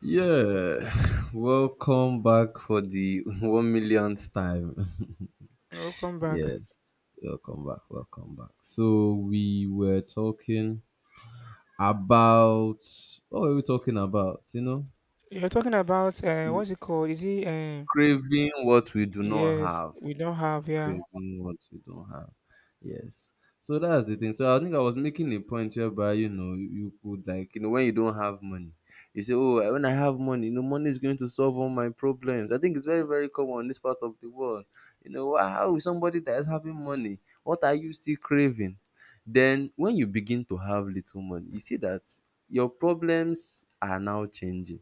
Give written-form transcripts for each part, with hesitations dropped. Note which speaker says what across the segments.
Speaker 1: Yeah, welcome back for the one millionth time.
Speaker 2: Welcome back.
Speaker 1: Yes, welcome back, welcome back. So we were talking about, what were we talking about? You know,
Speaker 2: You're talking about what's it called? Is it?
Speaker 1: craving what we do not
Speaker 2: Yes,
Speaker 1: have.
Speaker 2: we don't have. Yeah.
Speaker 1: Craving what you don't have. Yes. So that's the thing. So I think I was making a point whereby, you could like, when you don't have money, you say, "Oh, when I have money, money is going to solve all my problems." I think it's very, very common in this part of the world. How is somebody that is having money? What are you still craving? Then when you begin to have little money, you see that your problems are now changing.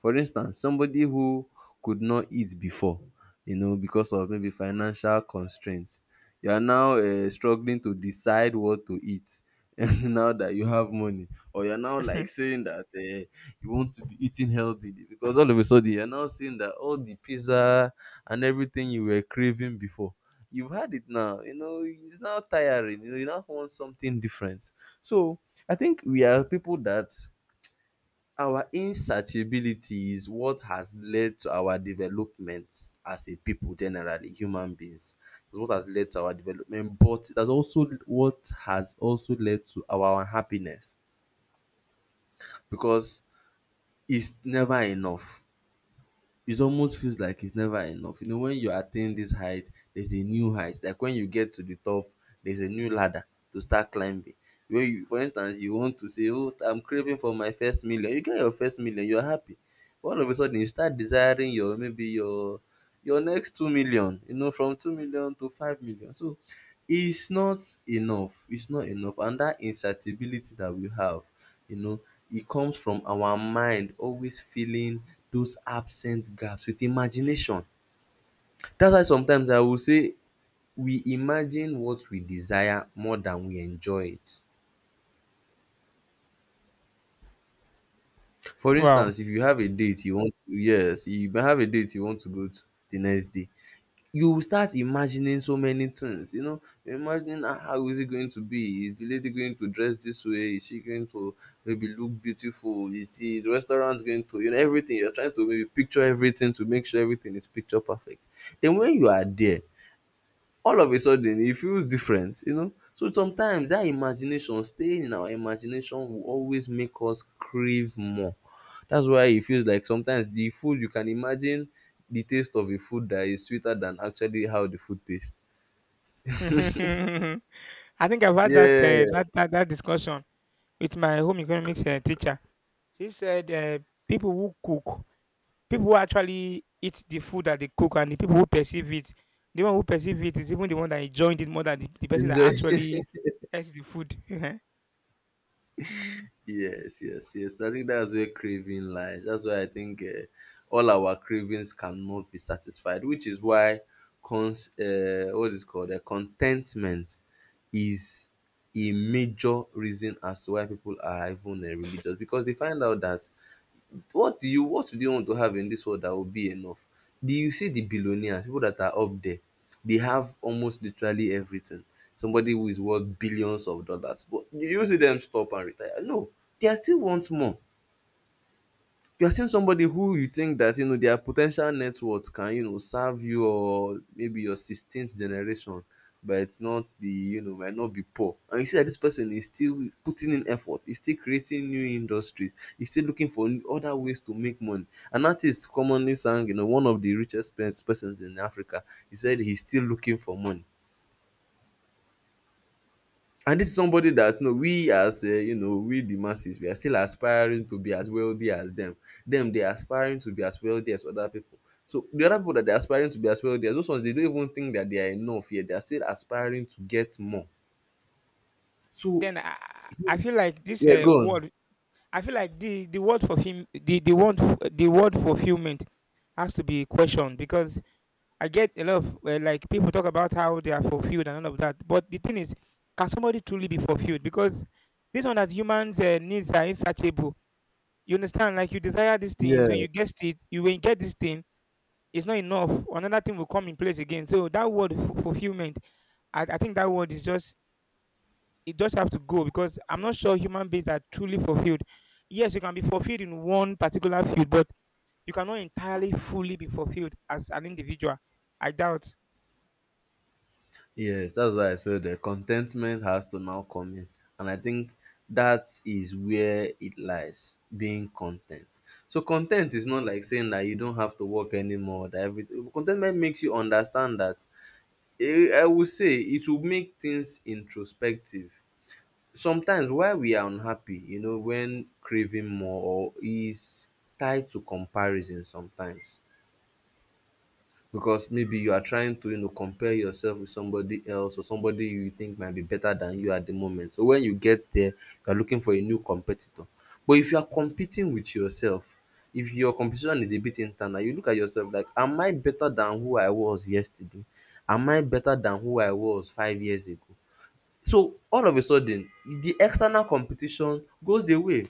Speaker 1: For instance, somebody who could not eat before, because of maybe financial constraints, you are now struggling to decide what to eat now that you have money. Or you are now like saying that you want to be eating healthy, because all of a sudden you are now seeing that all the pizza and everything you were craving before, you've had it now. It's now tiring. You now want something different. So I think we are people that our insertibility is what has led to our development as a people, generally human beings. It's what has led to our development, but it has also what has also led to our unhappiness, because it's never enough. It almost feels like it's never enough. When you attain this height, there's a new height. Like, when you get to the top, there's a new ladder to start climbing. When you, for instance, you want to say, "Oh, I'm craving for my first million." You get your first million, you're happy. But all of a sudden, you start desiring your, maybe your next 2 million. From 2 million to 5 million. So it's not enough. It's not enough, and that incertibility that we have, you know e comes from our mind always filling those absent gaps with imagination. That's why sometimes I will say we imagine what we desire more than we enjoy it. For
Speaker 2: Wow.
Speaker 1: instance, if you have a date you want, yes, you may have a date you want to go to the next day, you will start imagining so many things, you imagining, "Ah, how is it going to be? Is the lady going to dress this way? Is she going to maybe look beautiful? Is the restaurant going to," everything? You're trying to maybe picture everything to make sure everything is picture perfect. Then when you are there, all of a sudden it feels different. So sometimes that imagination, staying in our imagination, will always make us crave more. That's why it feels like sometimes the food, you can imagine the taste of a food that is sweeter than actually how the food tastes.
Speaker 2: I think I've had that,
Speaker 1: Yeah,
Speaker 2: uh, that that that discussion with my home economics teacher. She said people who cook, people who actually eat the food that they cook, and the people who perceive it, the one who perceive it is even the one that enjoyed it more than the person that
Speaker 1: enjoy.
Speaker 2: actually eats the food. Mm.
Speaker 1: Yes, yes, yes. I think that's where craving lies. That's why I think all our cravings cannot be satisfied, which is why, cons what is it called, contentment is a major reason as to why people are even religious, because they find out that, what do you want to have in this world that will be enough? Do you see the billionaires, people that are up there, they have almost literally everything. Somebody who is worth billions of dollars, but you see them stop and retire. No, they are still want more. You are seeing somebody who you think that you know their po ten tial net worth can serve your maybe your 16th generation, but not be, might not be poor, and you see that this person is still putting in effort. He's still creating new industries. He's still looking for other ways to make money. An artist commonly sang, one of the richest persons in Africa. He said he's still looking for money, and this is somebody that, we as we the masses, we are still aspiring to be as wealthy as them. Them, they are aspiring to be as wealthy as other people. So the other people that they are aspiring to be as wealthy as, those ones, they don't even think that they are enough yet. They are still aspiring to get more. So,
Speaker 2: Then I feel like this
Speaker 1: yeah, go on.
Speaker 2: world. I feel like the word for film the word fulfillment has to be questioned because I get a lot of like people talk about how they are fulfilled and all of that, but the thing is, can somebody truly be fulfilled? Because this one that humans needs are insatiable. You understand? Like you desire these things, when
Speaker 1: Yeah.
Speaker 2: you get it, you when you get this thing, it's not enough. Another thing will come in place again. So that word fulfillment, I think that word is just it does have to go because I'm not sure human beings are truly fulfilled. Yes, you can be fulfilled in one particular field, but you cannot entirely fully be fulfilled as an individual. I doubt.
Speaker 1: Yes, that's why I said the contentment has to now come in. And I think that is where it lies, being content. So content is not like saying that you don't have to work anymore, that everything, contentment makes you understand that, I would say it will make things introspective. Sometimes why we are unhappy, when craving more, or is tied to comparison sometimes, because maybe you are trying to compare yourself with somebody else, or somebody you think might be better than you at the moment. So when you get there, you are looking for a new competitor. But if you are competing with yourself, if your competition is a bit internal, you look at yourself, like, am I better than who I was yesterday? Am I better than who I was 5 years ago? So all of a sudden, the external competition goes away.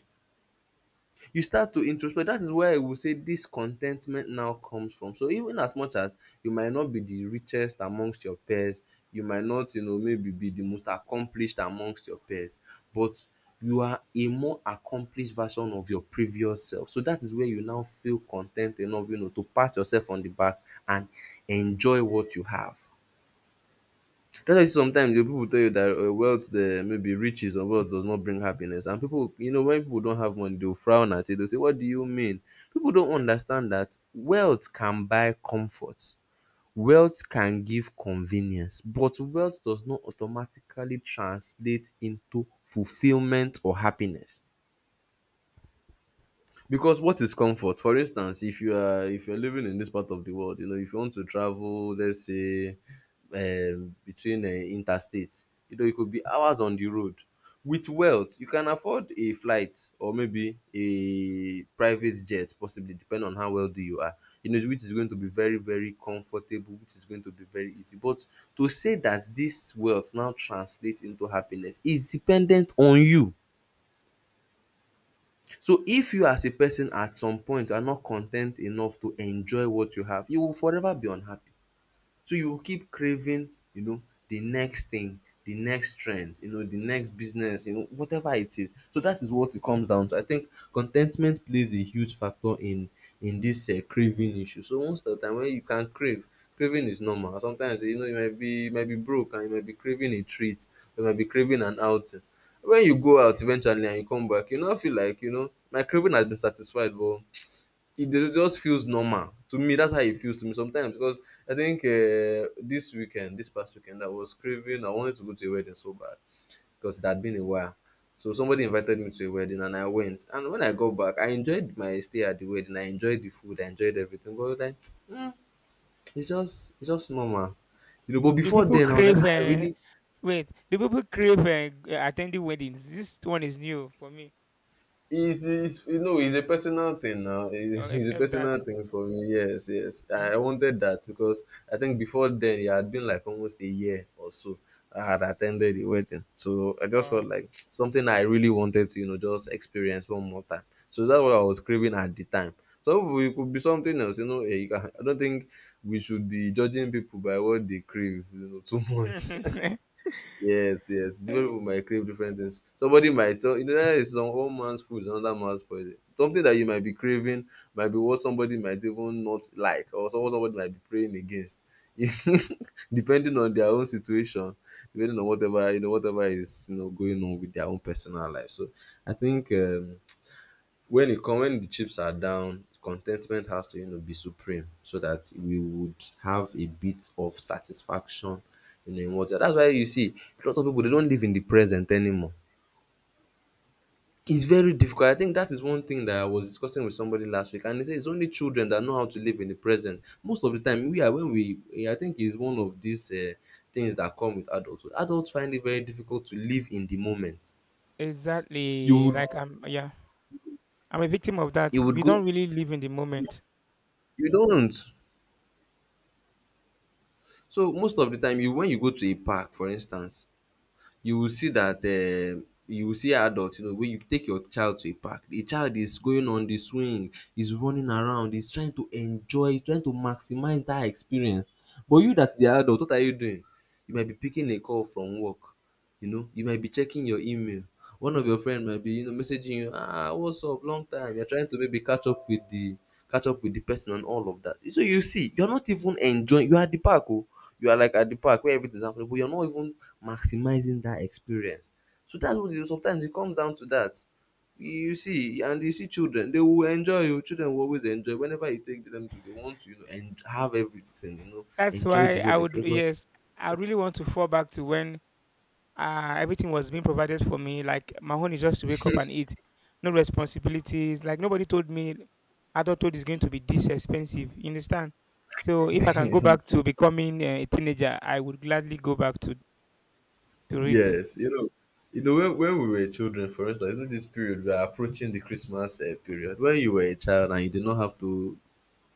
Speaker 1: You start to introspect. That is where I will say this contentment now comes from. So even as much as you might not be the richest amongst your peers, you might not, maybe be the most accomplished amongst your peers, but you are a more accomplished version of your previous self. So that is where you now feel content enough, to pat yourself on the back and enjoy what you have. That's why sometimes the people tell you that, wealth, the maybe riches or wealth does not bring happiness. And people, when people don't have money, they'll frown at it. They'll say, "What do you mean?" People don't
Speaker 2: Exactly.
Speaker 1: understand that wealth can buy comfort, wealth can give convenience, but wealth does not automatically translate into fulfillment or happiness. Because what is comfort? For instance, if you're living in this part of the world, if you want to travel, let's say, between interstates, it could be hours on the road. With wealth, you can afford a flight or maybe a private jet, possibly depending on how wealthy you are. Which is going to be very, very comfortable, which is going to be very easy. But to say that this wealth now translates into happiness is dependent on you. So if you as a person at some point are not content enough to enjoy what you have, you will forever be unhappy. So you will keep craving, the next thing, the next trend, the next business, whatever it is. So that is what it comes down to. I think contentment plays a huge factor in this craving issue. So most of the time when you can crave, craving is normal. Sometimes, you might be broke, and you might be craving a treat, you might be craving an outing. When you go out eventually and you come back, you not feel like, my craving has been satisfied, but it just feels normal to me. That's how it feels to me sometimes, because I think this weekend, this past weekend, I was craving. I wanted to go to a wedding so bad, because it had been a while. So somebody invited me to a wedding and I went. And when I got back, I enjoyed my stay at the wedding. I enjoyed the food. I enjoyed everything. But I was like, mm, it's just normal. But
Speaker 2: Do
Speaker 1: before
Speaker 2: people
Speaker 1: then, I was like,
Speaker 2: crave?
Speaker 1: "Ah, I really—"
Speaker 2: Wait, do people crave attending weddings? This one is new for me.
Speaker 1: It's you know it's a personal thing now. It's a
Speaker 2: Except that.
Speaker 1: personal thing for me. Yes, yes.
Speaker 2: Mm.
Speaker 1: I wanted that because I think before then, it had been like almost a year or so I had attended the wedding, so I just
Speaker 2: Oh.
Speaker 1: felt like something I really wanted to just experience one more time. So that's what I was craving at the time. So it could be something else. I don't think we should be judging people by what they crave, too much. Yes, yes. Different people might crave different things. Somebody might, so, that is, some one man's food is another man's poison. Something that you might be craving might be what somebody might even not like, or someone somebody might be praying against. Depending on their own situation, depending on whatever, whatever is, going on with their own personal life. So I think when it come when the chips are down, contentment has to, be supreme, so that we would have a bit of satisfaction, you know in what that's why you see a lot of people, they don't live in the present anymore. It's very difficult. I think that is one thing that I was discussing with somebody last week, and they say it's only children that know how to live in the present. Most of the time we are when we I think it's one of these things that come with adulthood. Adults find it very difficult to live in the moment. you
Speaker 2: Exactly.
Speaker 1: would
Speaker 2: Like I'm. Yeah, I'm a victim of that.
Speaker 1: you would
Speaker 2: We
Speaker 1: go
Speaker 2: don't really live in the moment.
Speaker 1: you don't So most of the time, you when you go to a park, for instance, you will see that. You will see, adult, you know, when you take your child to a park, the child is going on the swing, is running around, is trying to enjoy, is trying to maximize that experience. But you that is the adult, what are you doing? You might be picking a call from work, you know. You might be checking your email. One of your friend might be, messaging you, "Ah, what's up, long time." You're trying to maybe catch up with the person, and all of that. So you see, you're not even enjoying. You are at the park. Oh, you are like at the park where everything is happening, but you're not even maximizing that experience. So that's what it is. Sometimes it comes down to that. You see, and you see children, they will enjoy. Oh, children will always enjoy. Whenever you take them to, they want to, and have everything,
Speaker 2: That's
Speaker 1: enjoy
Speaker 2: why
Speaker 1: the
Speaker 2: I
Speaker 1: whole
Speaker 2: would.
Speaker 1: experience.
Speaker 2: Yes, I really want to fall back to when everything was being provided for me. Like my own is just to wake up and eat, no responsibilities. Like nobody told me adulthood is going to be this expensive. You understand? So if I can go back to becoming a teenager, I would gladly go back to it.
Speaker 1: Yes, you know when, we were children, for instance, you know, this period we are approaching, the Christmas period. When you were a child and you did not have to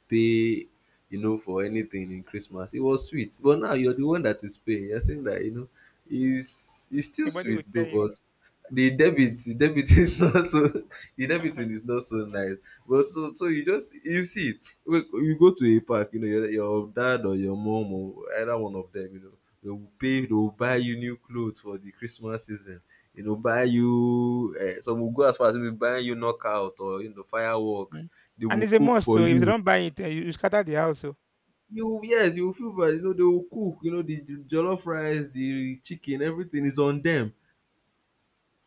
Speaker 1: pay, for anything in Christmas. It was sweet, but now you're the one that is paying. You're saying that, you know is it's still
Speaker 2: Nobody will
Speaker 1: sweet though,
Speaker 2: tell you.
Speaker 1: but the debit is not so the debiting is not so nice. But so you see, wait, you go to a park, you know, your dad or your mom or either one of them, you know, they will buy you new clothes for the Christmas season. You know, buy you Some will go as far as even buying you knockout or, fireworks.
Speaker 2: Mm.
Speaker 1: They
Speaker 2: And
Speaker 1: will
Speaker 2: it's a
Speaker 1: cook
Speaker 2: must.
Speaker 1: for
Speaker 2: So if they
Speaker 1: you.
Speaker 2: don't buy it, you, you scatter the house. So
Speaker 1: Yes, you will feel bad, you know, they will cook, you know, the jollof rice, the chicken, everything is on them.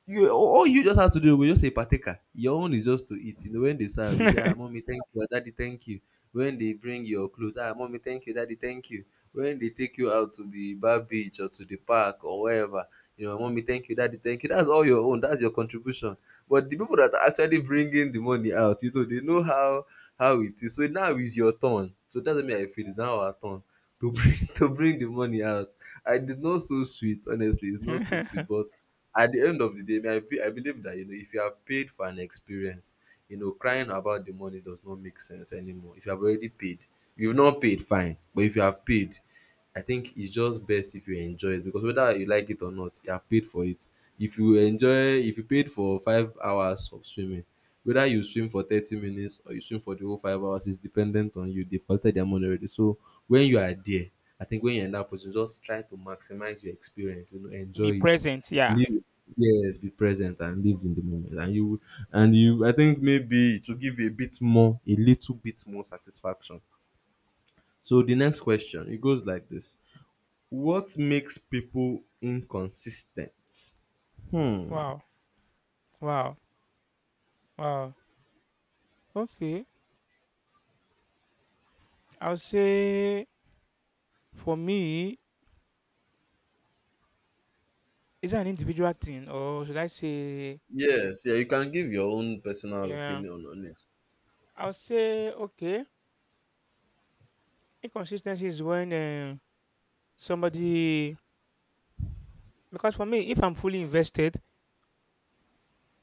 Speaker 1: You All you just have to do was just a partaker. Your own is just to eat. You know, when they serve, you say, "Ah, mommy, thank you. Ah, daddy, thank you." When they bring your clothes, "Ah, mommy, thank you. Daddy, thank you." When they take you out to the bar beach or to the park or wherever, you know, "Mommy, thank you. Daddy, thank you." That's all your own. That's your contribution. But the people that are actually bringing the money out, you know, they know how— it is. So now is your turn. So that's what me I feel. It's now our turn to bring to bring the money out. I It's not so sweet, honestly. It's not so sweet, but at the end of the day, I believe that, you know, if you have paid for an experience, crying about the money does not make sense anymore. If you have already paid— if you've not paid, fine. But if you have paid, I think it's just best if you enjoy it, because whether you like it or not, you have paid for it. If you paid for 5 hours of swimming, whether you swim for 30 minutes or you swim for the whole 5 hours is dependent on you. They've collected their money already, so when you are there, I think, when you're in that position, just try to maximize your experience. You know,
Speaker 2: be
Speaker 1: enjoy it.
Speaker 2: present. Yeah.
Speaker 1: Live, yes, be present and live in the moment, and you I think maybe it will give you— a little bit more satisfaction. So the next question, it goes like this. What makes people inconsistent? Hmm.
Speaker 2: Wow. Wow. Wow. Okay. I'll say for me, is that an individual thing or should I say
Speaker 1: Yes, yeah, you can give your own personal
Speaker 2: yeah,
Speaker 1: opinion on it.
Speaker 2: I will say, okay, inconsistency is when somebody, because for me, if I'm fully invested,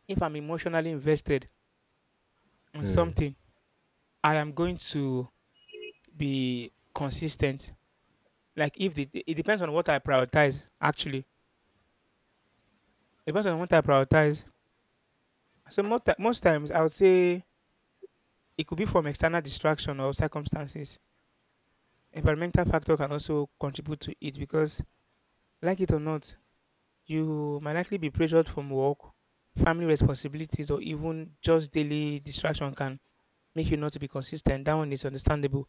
Speaker 2: if I'm emotionally invested on
Speaker 1: Hmm.
Speaker 2: something, I am going to be consistent. Like if the it depends on what I prioritize actually. It depends on what I prioritize. So most, most times I would say it could be from external distraction or circumstances. Environmental factor can also contribute to it because like it or not, you might likely be pressured from work, family responsibilities, or even just daily distraction can make you not to be consistent. That one is understandable.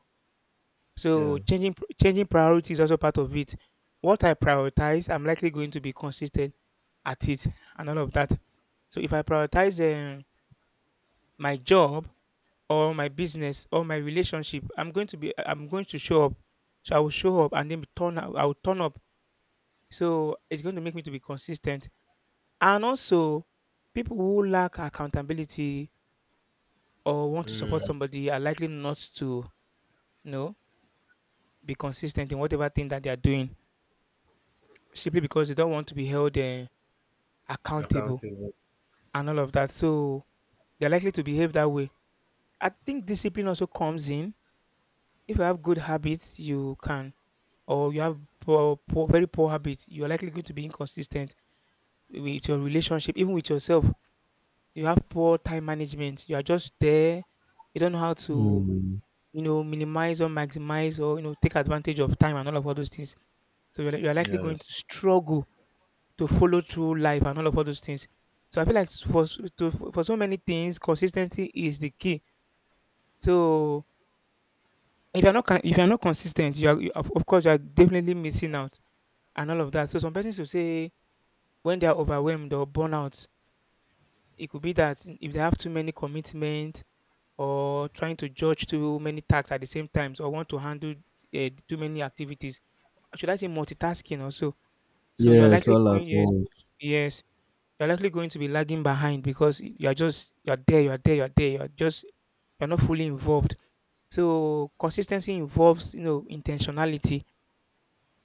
Speaker 2: So
Speaker 1: Yeah.
Speaker 2: changing changing priority is also part of it. What I prioritize, I'm likely going to be consistent at it, and all of that. So if I prioritize my job or my business or my relationship, I'm going to show up. So I will show up and then turn I will turn up. So it's going to make me to be consistent. And also, people who lack accountability or want to support
Speaker 1: Mm,
Speaker 2: somebody are likely not to, you know, be consistent in whatever thing that they are doing simply because they don't want to be held accountable
Speaker 1: accountable.
Speaker 2: and all of that. So they're likely to behave that way. I think discipline also comes in. If you have good habits, you can, or you have very poor habits, you're likely going to be inconsistent with your relationship, even with yourself. You have poor time management. You are just there. You don't know how to,
Speaker 1: Hmm.
Speaker 2: you know, minimize or maximize or, you know, take advantage of time and all of all those things. So you're likely going
Speaker 1: Yes.
Speaker 2: to struggle to follow through life and all of all those things. So I feel like for for so many things, consistency is the key. So if you're not if you're not consistent, you are you, of course you are definitely missing out and all of that. So some persons will say when they are overwhelmed or burnout, it could be that if they have too many commitments or trying to judge too many tasks at the same time or want to handle too many activities. Should I say multitasking also? So you're
Speaker 1: Yes,
Speaker 2: likely
Speaker 1: all at
Speaker 2: going yes,
Speaker 1: once.
Speaker 2: yes, you're likely going to be lagging behind because you're just you're there, you're just you're not fully involved. So consistency involves, you know, intentionality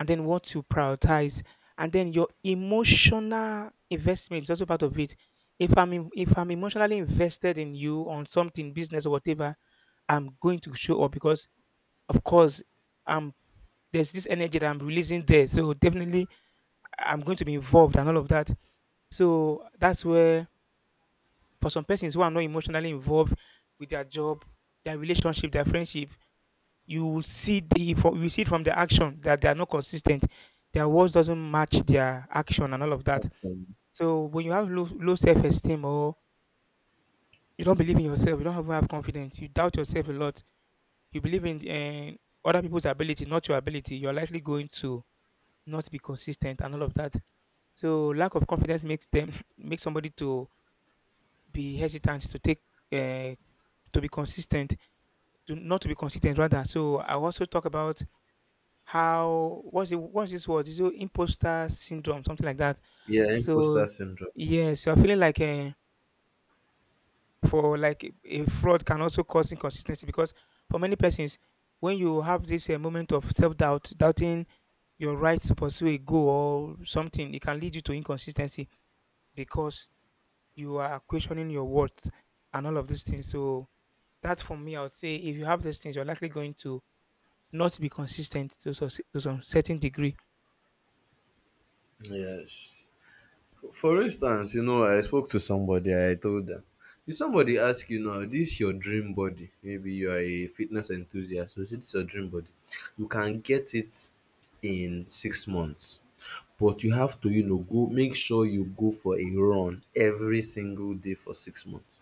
Speaker 2: and then what to prioritize and then your emotional investment is also part of it. If I'm emotionally invested in you on something, business or whatever, I'm going to show up because of course I'm there's this energy that I'm releasing there. So definitely I'm going to be involved and all of that. So that's where for some persons who are not emotionally involved with their job, their relationship, their friendship, you will see the from you see it from the action that they are not consistent. Their words doesn't match their action and all of that.
Speaker 1: Um,
Speaker 2: So when you have low self-esteem or you don't believe in yourself, you don't have confidence, you doubt yourself a lot, you believe in other people's ability, not your ability, you're likely going to not be consistent and all of that. So lack of confidence makes them make somebody to be hesitant to take uh, to be consistent to not to be consistent rather. So I also talk about how what's the what's this word is it imposter syndrome something like that.
Speaker 1: Yeah, imposter
Speaker 2: So
Speaker 1: syndrome.
Speaker 2: yes, so I'm feeling like for a fraud can also cause inconsistency because for many persons when you have this moment of self-doubt doubting your right to pursue a goal or something, it can lead you to inconsistency because you are questioning your worth and all of these things. So that for me, I would say if you have these things, you're likely going to not be consistent to some certain degree.
Speaker 1: Yes. For instance, you know, I spoke to somebody, I told them, if somebody asks you now, this your dream body, maybe you are a fitness enthusiast, so this your dream body, you can get it in 6 months. But you have to, you know, go, make sure you go for a run every single day for 6 months.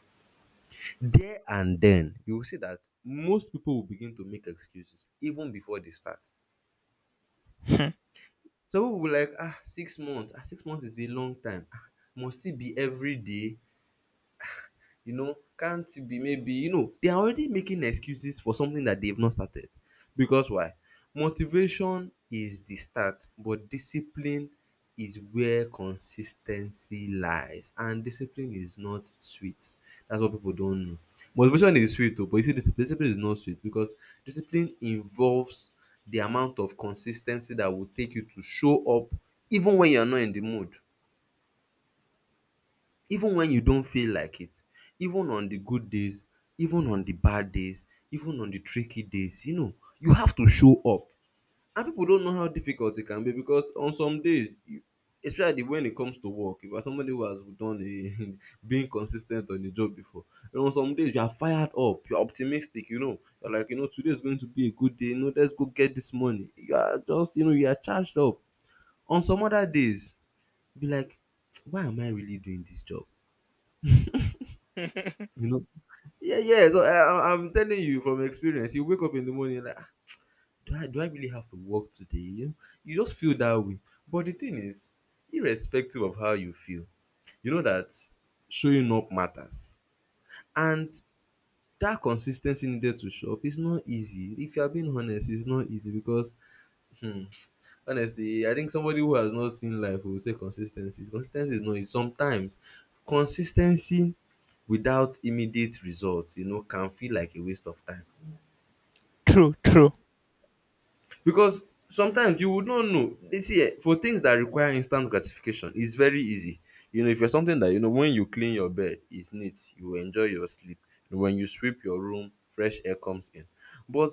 Speaker 1: There and then, you will see that most people will begin to make excuses even before they start.
Speaker 2: Hmm.
Speaker 1: Some people will be like, "Ah, 6 months, ah, 6 months is a long time. Ah, must it be every day?" You know, can't it be maybe— you know, they are already making excuses for something that they've not started. Because why? Motivation is the start, but discipline is where consistency lies, and discipline is not sweet. That's what people don't know. Motivation is sweet, oh, but you see, discipline is not sweet, because discipline involves the amount of consistency that will take you to show up, even when you're not in the mood, even when you don't feel like it, even on the good days, even on the bad days, even on the tricky days. You know, you have to show up, and people don't know how difficult it can be, because on some days especially when it comes to work, if you are somebody who has done a being consistent on the job before, you know, on some days you are fired up, you are optimistic, you know, you are like, you know, today is going to be a good day, you know, let's go get this money, you are just— you are charged up. On some other days, be like, why am I really doing this job? You know? Yeah, yeah. So I, am telling you from experience. You wake up in the morning like, "Ah, do I really have to work today?" You know, you just feel that way. But the thing is, irrespective of how you feel, you know that showing up matters, and that consistency needed to show up is not easy. If you are being honest, it's not easy, because honestly, I think somebody who has not seen life will say consistency. Consistency is not easy. Sometimes consistency without immediate results, can feel like a waste of time.
Speaker 2: True, true.
Speaker 1: Because sometimes you would not know, you see, for things that require instant gratification, it's very easy. You know, if you're something that— you know, when you clean your bed, it's neat, you enjoy your sleep. When you sweep your room, fresh air comes in. But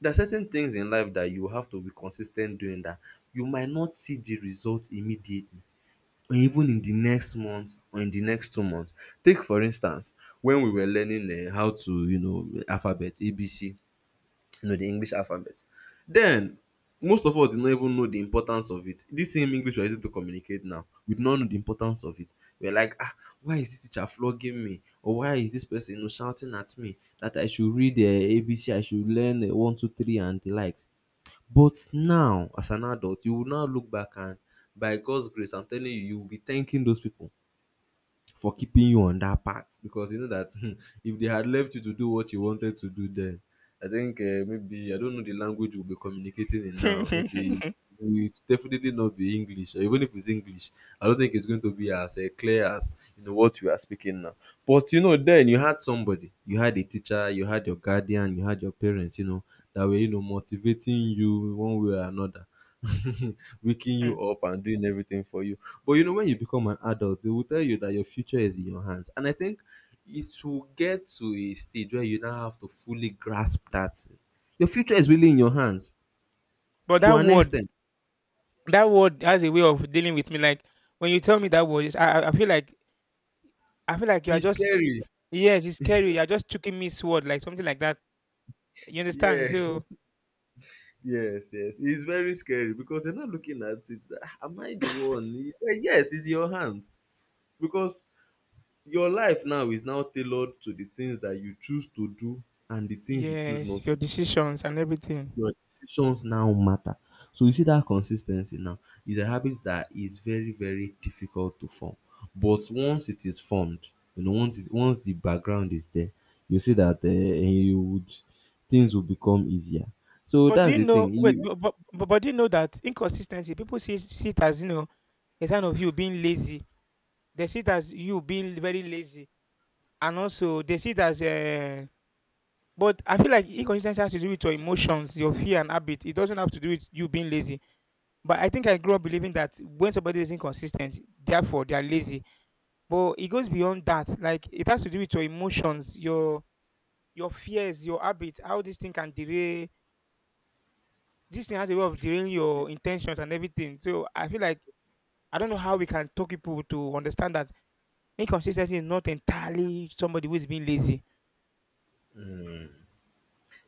Speaker 1: there are certain things in life that you have to be consistent doing, that you might not see the results immediately, or even in the next month or in the next 2 months. Take, for instance, when we were learning how to, you know, alphabet, ABC, you know, the English alphabet. Then most of us did not even know the importance of it. This same English we are using to communicate now, we did not know the importance of it. We were like, "Ah, why is this teacher flogging me? Or why is this person, you know, shouting at me that I should read the ABC, I should learn 1, 2, 3 and the likes." But now, as an adult, you will now look back, and by God's grace, I'm telling you, you will be thanking those people for keeping you on that path, because you know that if they had left you to do what you wanted to do then, I think maybe— I don't know the language we'll be communicating in now. Maybe
Speaker 2: Mm.
Speaker 1: it's definitely not be English, or even if it's English, I don't think it's going to be as clear as, you know, what you are speaking now. But you know, then you had somebody, you had a teacher, you had your guardian, you had your parents, you know, that were, motivating you one way or another. Waking
Speaker 2: Mm.
Speaker 1: you up and doing everything for you. But you know, when you become an adult, they will tell you that your future is in your hands. And I think it will get to a stage where you now have to fully grasp that your future is really in your hands
Speaker 2: But
Speaker 1: to an extent.
Speaker 2: that word has a way of dealing with me. Like when you tell me that word, I feel like you are
Speaker 1: It's
Speaker 2: just
Speaker 1: scary.
Speaker 2: yes, it's scary. You are just choking me sword, like something like that. You understand?
Speaker 1: Yeah,
Speaker 2: So
Speaker 1: yes, yes. It's very scary because you're not looking at it, that, "Ah, am I the one?" It's like, yes, it's your hand. Because your life now is now tailored to the things that you choose to do and the things you choose not
Speaker 2: yes, your
Speaker 1: to do.
Speaker 2: decisions and everything.
Speaker 1: Your decisions now matter. So you see that consistency now is a habit that is very, very difficult to form. But once it is formed, you know, once the background is there, you see that you would things will become easier. So
Speaker 2: But do
Speaker 1: that's
Speaker 2: you
Speaker 1: the
Speaker 2: know?
Speaker 1: thing.
Speaker 2: Wait,
Speaker 1: You.
Speaker 2: but do you know that inconsistency? People see it as, you know, a sign of you being lazy. They see it as you being very lazy, and also they see it as but I feel like inconsistency has to do with your emotions, your fear and habit. It doesn't have to do with you being lazy. But I think I grew up believing that when somebody is inconsistent, therefore they are lazy. But it goes beyond that. Like it has to do with your emotions, your fears, your habits, how this thing can derail. This thing has a way of derailing your intentions and everything. So I feel like I don't know how we can talk people to understand that inconsistency is not entirely somebody who is being lazy.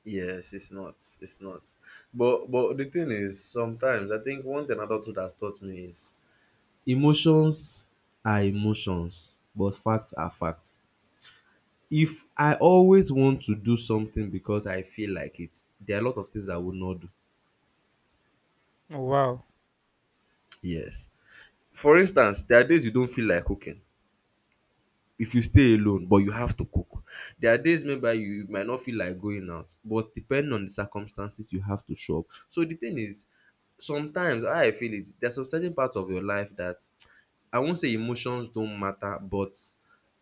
Speaker 1: Yes, it's not. It's not. But the thing is, sometimes I think one thing adulthood has taught me is emotions are emotions, but facts are facts. If I always want to do something because I feel like it, there are a lot of things I would not do.
Speaker 2: Oh, wow,
Speaker 1: Yes. For instance, there are days you don't feel like cooking if you stay alone, but you have to cook. There are days maybe you might not feel like going out, but depending on the circumstances you have to show up. So the thing is, sometimes how I feel, it there are some certain parts of your life that I won't say emotions don't matter, but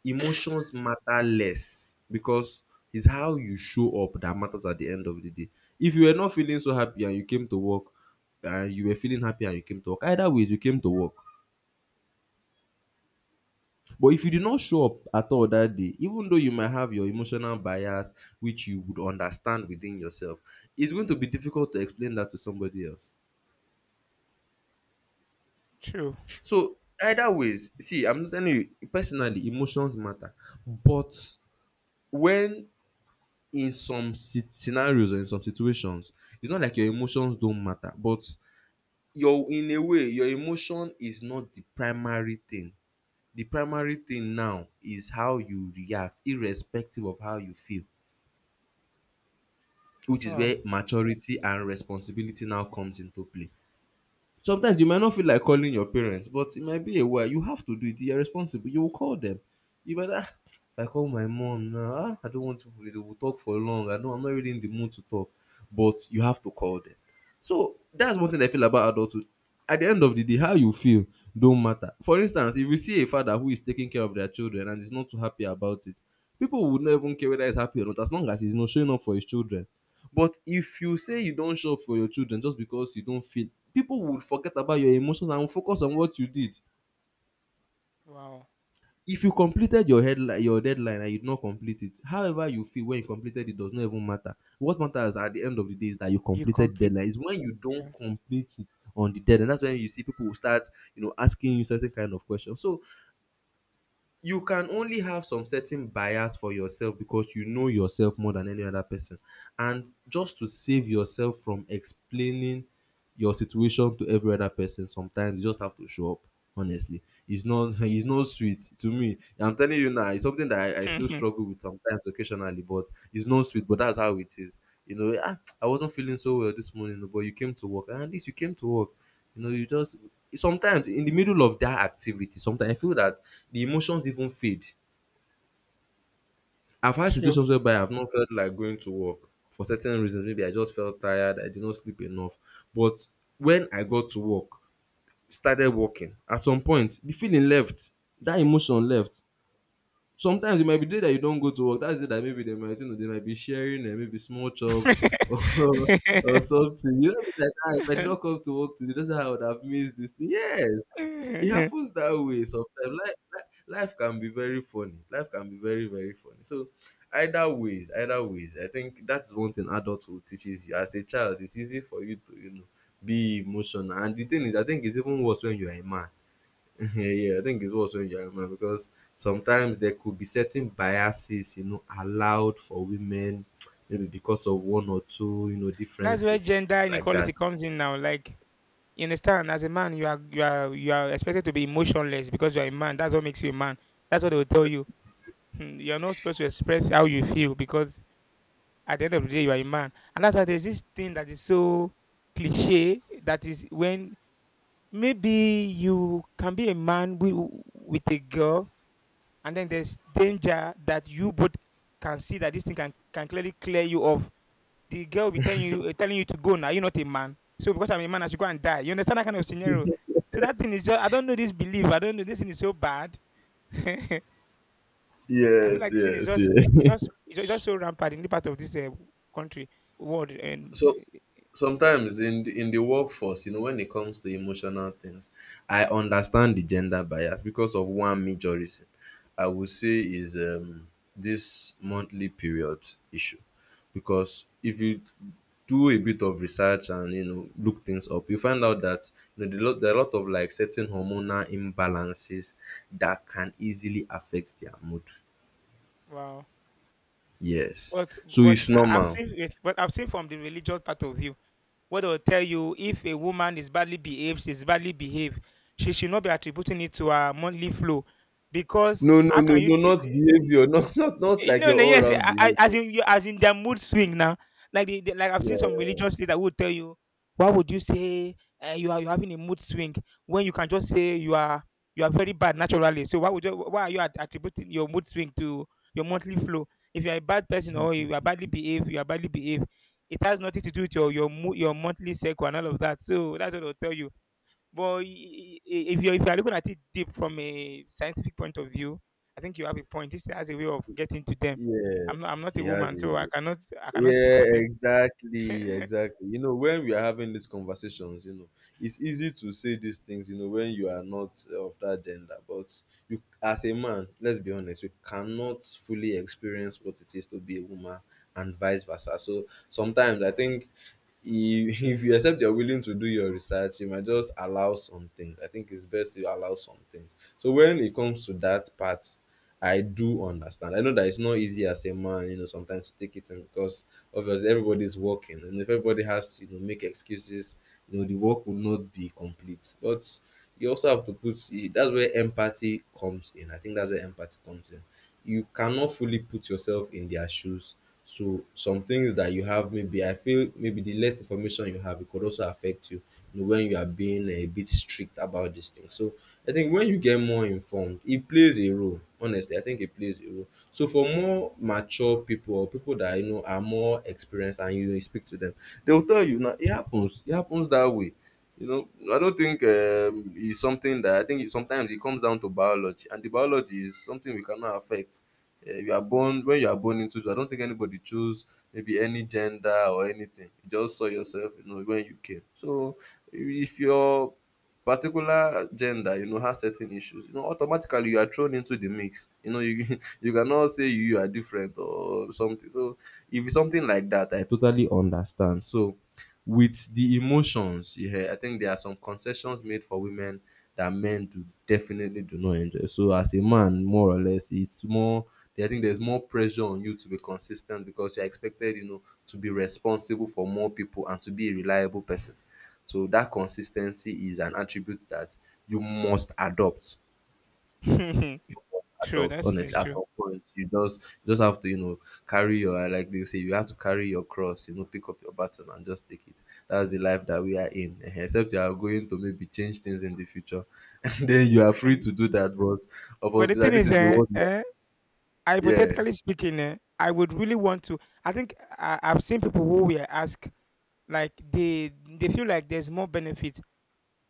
Speaker 1: emotions matter less because it's how you show up that matters at the end of the day. If you were not feeling so happy and you came to work, and you were feeling happy and you came to work, either way, you came to work. But if you did not show up at all that day, even though you might have your emotional bias, which you would understand within yourself, it's going to be difficult to explain that to somebody else.
Speaker 2: true.
Speaker 1: So either ways, see, I'm telling you personally, emotions matter. But when in some scenarios or in some situations, it's not like your emotions don't matter, but your, in a way, your emotion is not the primary thing. The primary thing now is how you react, irrespective of how you feel, which is
Speaker 2: Wow,
Speaker 1: where maturity and responsibility now comes into play. Sometimes you might not feel like calling your parents, but it might be a while. You have to do it. You're responsible. You will call them. If I call my mom now, I don't want to. They will talk for long. I know I'm not really in the mood to talk, but you have to call them. So that's one thing I feel about adulthood. At the end of the day, how you feel don't matter. For instance, if you see a father who is taking care of their children and is not too happy about it, people would not even care whether he's happy or not, as long as he's not showing up for his children. But if you say you don show up for your children just because you don't feel, people would forget about your emotions and will focus on what you did.
Speaker 2: wow.
Speaker 1: If you completed your headline, your deadline and you did not complete it, however you feel when you completed it does not even matter. What matters at the end of the day is that you
Speaker 2: You
Speaker 1: completed the
Speaker 2: complete.
Speaker 1: deadline. It's when you don't
Speaker 2: Yeah.
Speaker 1: complete it on the deadline. That's when you see people will start, you know, asking you certain kind of questions. So you can only have some certain bias for yourself because you know yourself more than any other person. And just to save yourself from explaining your situation to every other person, sometimes you just have to show up. Honestly, it's not it's not sweet to me. I'm telling you, now it's something that I still struggle with sometimes, occasionally, but it's not sweet, but that's how it is. You know, I wasn't feeling so well this morning, no, but you came to work, and at least you came to work. You know, you just, sometimes in the middle of that activity, sometimes I feel that the emotions even fade. I've had
Speaker 2: True.
Speaker 1: situations whereby I've not felt like going to work for certain reasons. Maybe I just felt tired, I did not sleep enough, but when I got to work, started working, at some point the feeling left, that emotion left. Sometimes it might be day that you don't go to work, that's the day that maybe they might, you know, they might be sharing maybe small chops or or something, you know, be like that. If I did not come to work today, that's how I would have missed this thing. Yes, it happens that way sometimes. Life can be very funny. Life can be very, very funny. So either ways, I think that's one thing adulthood teaches you. As a child, it's easy for you to, you know, be emotional, and the thing is, I think it's even worse when you're a man. Yeah, yeah, I think it's also in your mind because sometimes there could be certain biases, you know, allowed for women, maybe because of one or two, you know,
Speaker 2: That's where
Speaker 1: differences
Speaker 2: gender
Speaker 1: like
Speaker 2: inequality
Speaker 1: that.
Speaker 2: comes in now. Like you understand, as a man, you are expected to be emotionless because you are a man. That's what makes you a man. That's what they will tell you. Mm, you're not supposed to express how you feel because at the end of the day you are a man, and that's why there's this thing that is so cliche that is when maybe you can be a man with a girl and then there's danger that you both can see that this thing can clearly clear you off. The girl will be telling you telling you to go now you're not a man, so because I'm a man I should go and die. You understand that kind of scenario? So that thing is just I don't know this belief, I don't know, this thing is so bad. I feel
Speaker 1: Yes,
Speaker 2: like this thing is
Speaker 1: yes,
Speaker 2: just
Speaker 1: yeah.
Speaker 2: it's just so rampant in the part of this country, world, and
Speaker 1: So sometimes in the workforce, you know, when it comes to emotional things, I understand the gender bias because of one major reason. I would say is this monthly period issue, because if you do a bit of research and you know, look things up, you find out that, you know, there are a lot of, like, certain hormonal imbalances that can easily affect their mood.
Speaker 2: wow.
Speaker 1: Yes,
Speaker 2: But
Speaker 1: so
Speaker 2: but
Speaker 1: it's
Speaker 2: I- I've
Speaker 1: normal.
Speaker 2: seen it, but I've seen from the religious part of view. What I'll tell you, if a woman is badly behaved, she's badly behaved, she should not be attributing it to her monthly flow because
Speaker 1: No, no,
Speaker 2: how
Speaker 1: no,
Speaker 2: can
Speaker 1: no,
Speaker 2: you?
Speaker 1: not behavior, not
Speaker 2: Eh,
Speaker 1: like
Speaker 2: No,
Speaker 1: your
Speaker 2: no,
Speaker 1: all
Speaker 2: yes,
Speaker 1: round
Speaker 2: as
Speaker 1: behavior.
Speaker 2: in you, as in their mood swing now. Like like I've
Speaker 1: Yeah,
Speaker 2: seen some religious leaders who will tell you, why would you say you are you having a mood swing when you can just say you are very bad naturally. So why would you, why are you attributing your mood swing to your monthly flow? If you are a bad person or you are badly behaved, you are badly behaved. It has nothing to do with your mood, your monthly cycle and all of that. So that's what I'll tell you. But if you if you're looking at it deep from a scientific point of view, I think you have a point. This has a way of getting to them. I'm
Speaker 1: yes,
Speaker 2: not a
Speaker 1: he has
Speaker 2: woman,
Speaker 1: a.
Speaker 2: so I cannot speak
Speaker 1: Yeah,
Speaker 2: for them.
Speaker 1: exactly, exactly. You know, when we are having these conversations, you know, it's easy to say these things, you know, when you are not of that gender. But you, as a man, let's be honest, you cannot fully experience what it is to be a woman, and vice versa. So sometimes I think, if, if you accept you're willing to do your research, you might just allow some things. I think it's best you allow some things. So when it comes to that part, I do understand. I know that it's not easy as a man, you know, sometimes to take it in, because obviously everybody's working, and if everybody has, to, you know, make excuses, you know, the work would not be complete. But you also have to put, that's where empathy comes in. I think that's where empathy comes in. You cannot fully put yourself in their shoes. So some things that you have, maybe I feel, maybe the less information you have, it could also affect you, you know, when you are being a bit strict about this thing. So I think when you get more informed, it plays a role. Honestly, I think it plays a role. So for more mature people or people that you know are more experienced, and you speak to them, they'll tell you, now it happens. It happens that way. You know, I don't think it's something that, I think it, sometimes it comes down to biology, and the biology is something we cannot affect. You are born when you are born into it. I don't think anybody chose maybe any gender or anything. You just saw yourself, you know, when you came. So if you're particular gender, you know, has certain issues, you know, automatically you are thrown into the mix, you know, you you cannot say you are different or something. So if it's something like that, I totally understand. So with the emotions, yeah, I think there are some concessions made for women that men do, definitely do not enjoy. So as a man, more or less, it's more, I think there's more pressure on you to be consistent because you're expected, you know, to be responsible for more people and to be a reliable person. So that consistency is an attribute that you must adopt. You
Speaker 2: True,
Speaker 1: must adopt.
Speaker 2: that's
Speaker 1: Honestly,
Speaker 2: is
Speaker 1: at
Speaker 2: true.
Speaker 1: some point, you just, you just have to, you know, carry your, like they say, you have to carry your cross, you know, pick up your baton and just take it. That's the life that we are in. Ehen, except you are going to maybe change things in the future. And then you are free
Speaker 2: Mm.
Speaker 1: to do that. But up
Speaker 2: But the
Speaker 1: until
Speaker 2: thing
Speaker 1: that, this
Speaker 2: is,
Speaker 1: is the one you are- yeah.
Speaker 2: hypothetically speaking, eh, I would really want to. I think I've seen people who were asked like they feel like there's more benefits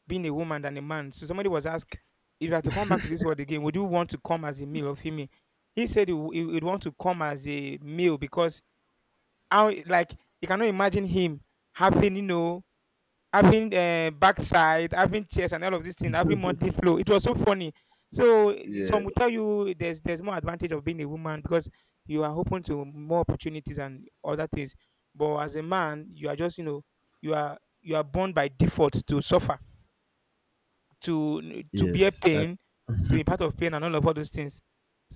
Speaker 2: being a woman than a man. So somebody was asked, if you had to come back to this world again, would you want to come as a male or female? He said he would want to come as a male because how like you cannot imagine him having, you know, having backside, having chest and all of this thing, having monthly flow. It was so funny. So eh,
Speaker 1: Yeah.
Speaker 2: some will tell you there's more advantage of being a woman because you are open to more opportunities and other things. But as a man, you are just, you know, you are born by default to suffer to to bear
Speaker 1: Yes. That,
Speaker 2: pain, to be part of pain, and all of all those things.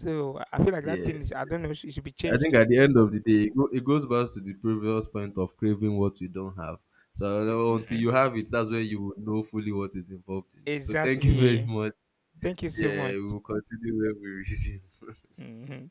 Speaker 2: So I feel like that thing is
Speaker 1: yes.
Speaker 2: I don't
Speaker 1: Yes.
Speaker 2: know it should be
Speaker 1: I think
Speaker 2: changed.
Speaker 1: at the end of the day, it goes back to the previous point of craving what you don't have. So I, until
Speaker 2: Mhm.
Speaker 1: you have it, that's when you will know fully what is involved in it. So thank you very
Speaker 2: Exactly.
Speaker 1: much.
Speaker 2: Thank you so much.
Speaker 1: Yeah, we will continue when we resume.
Speaker 2: Mhm.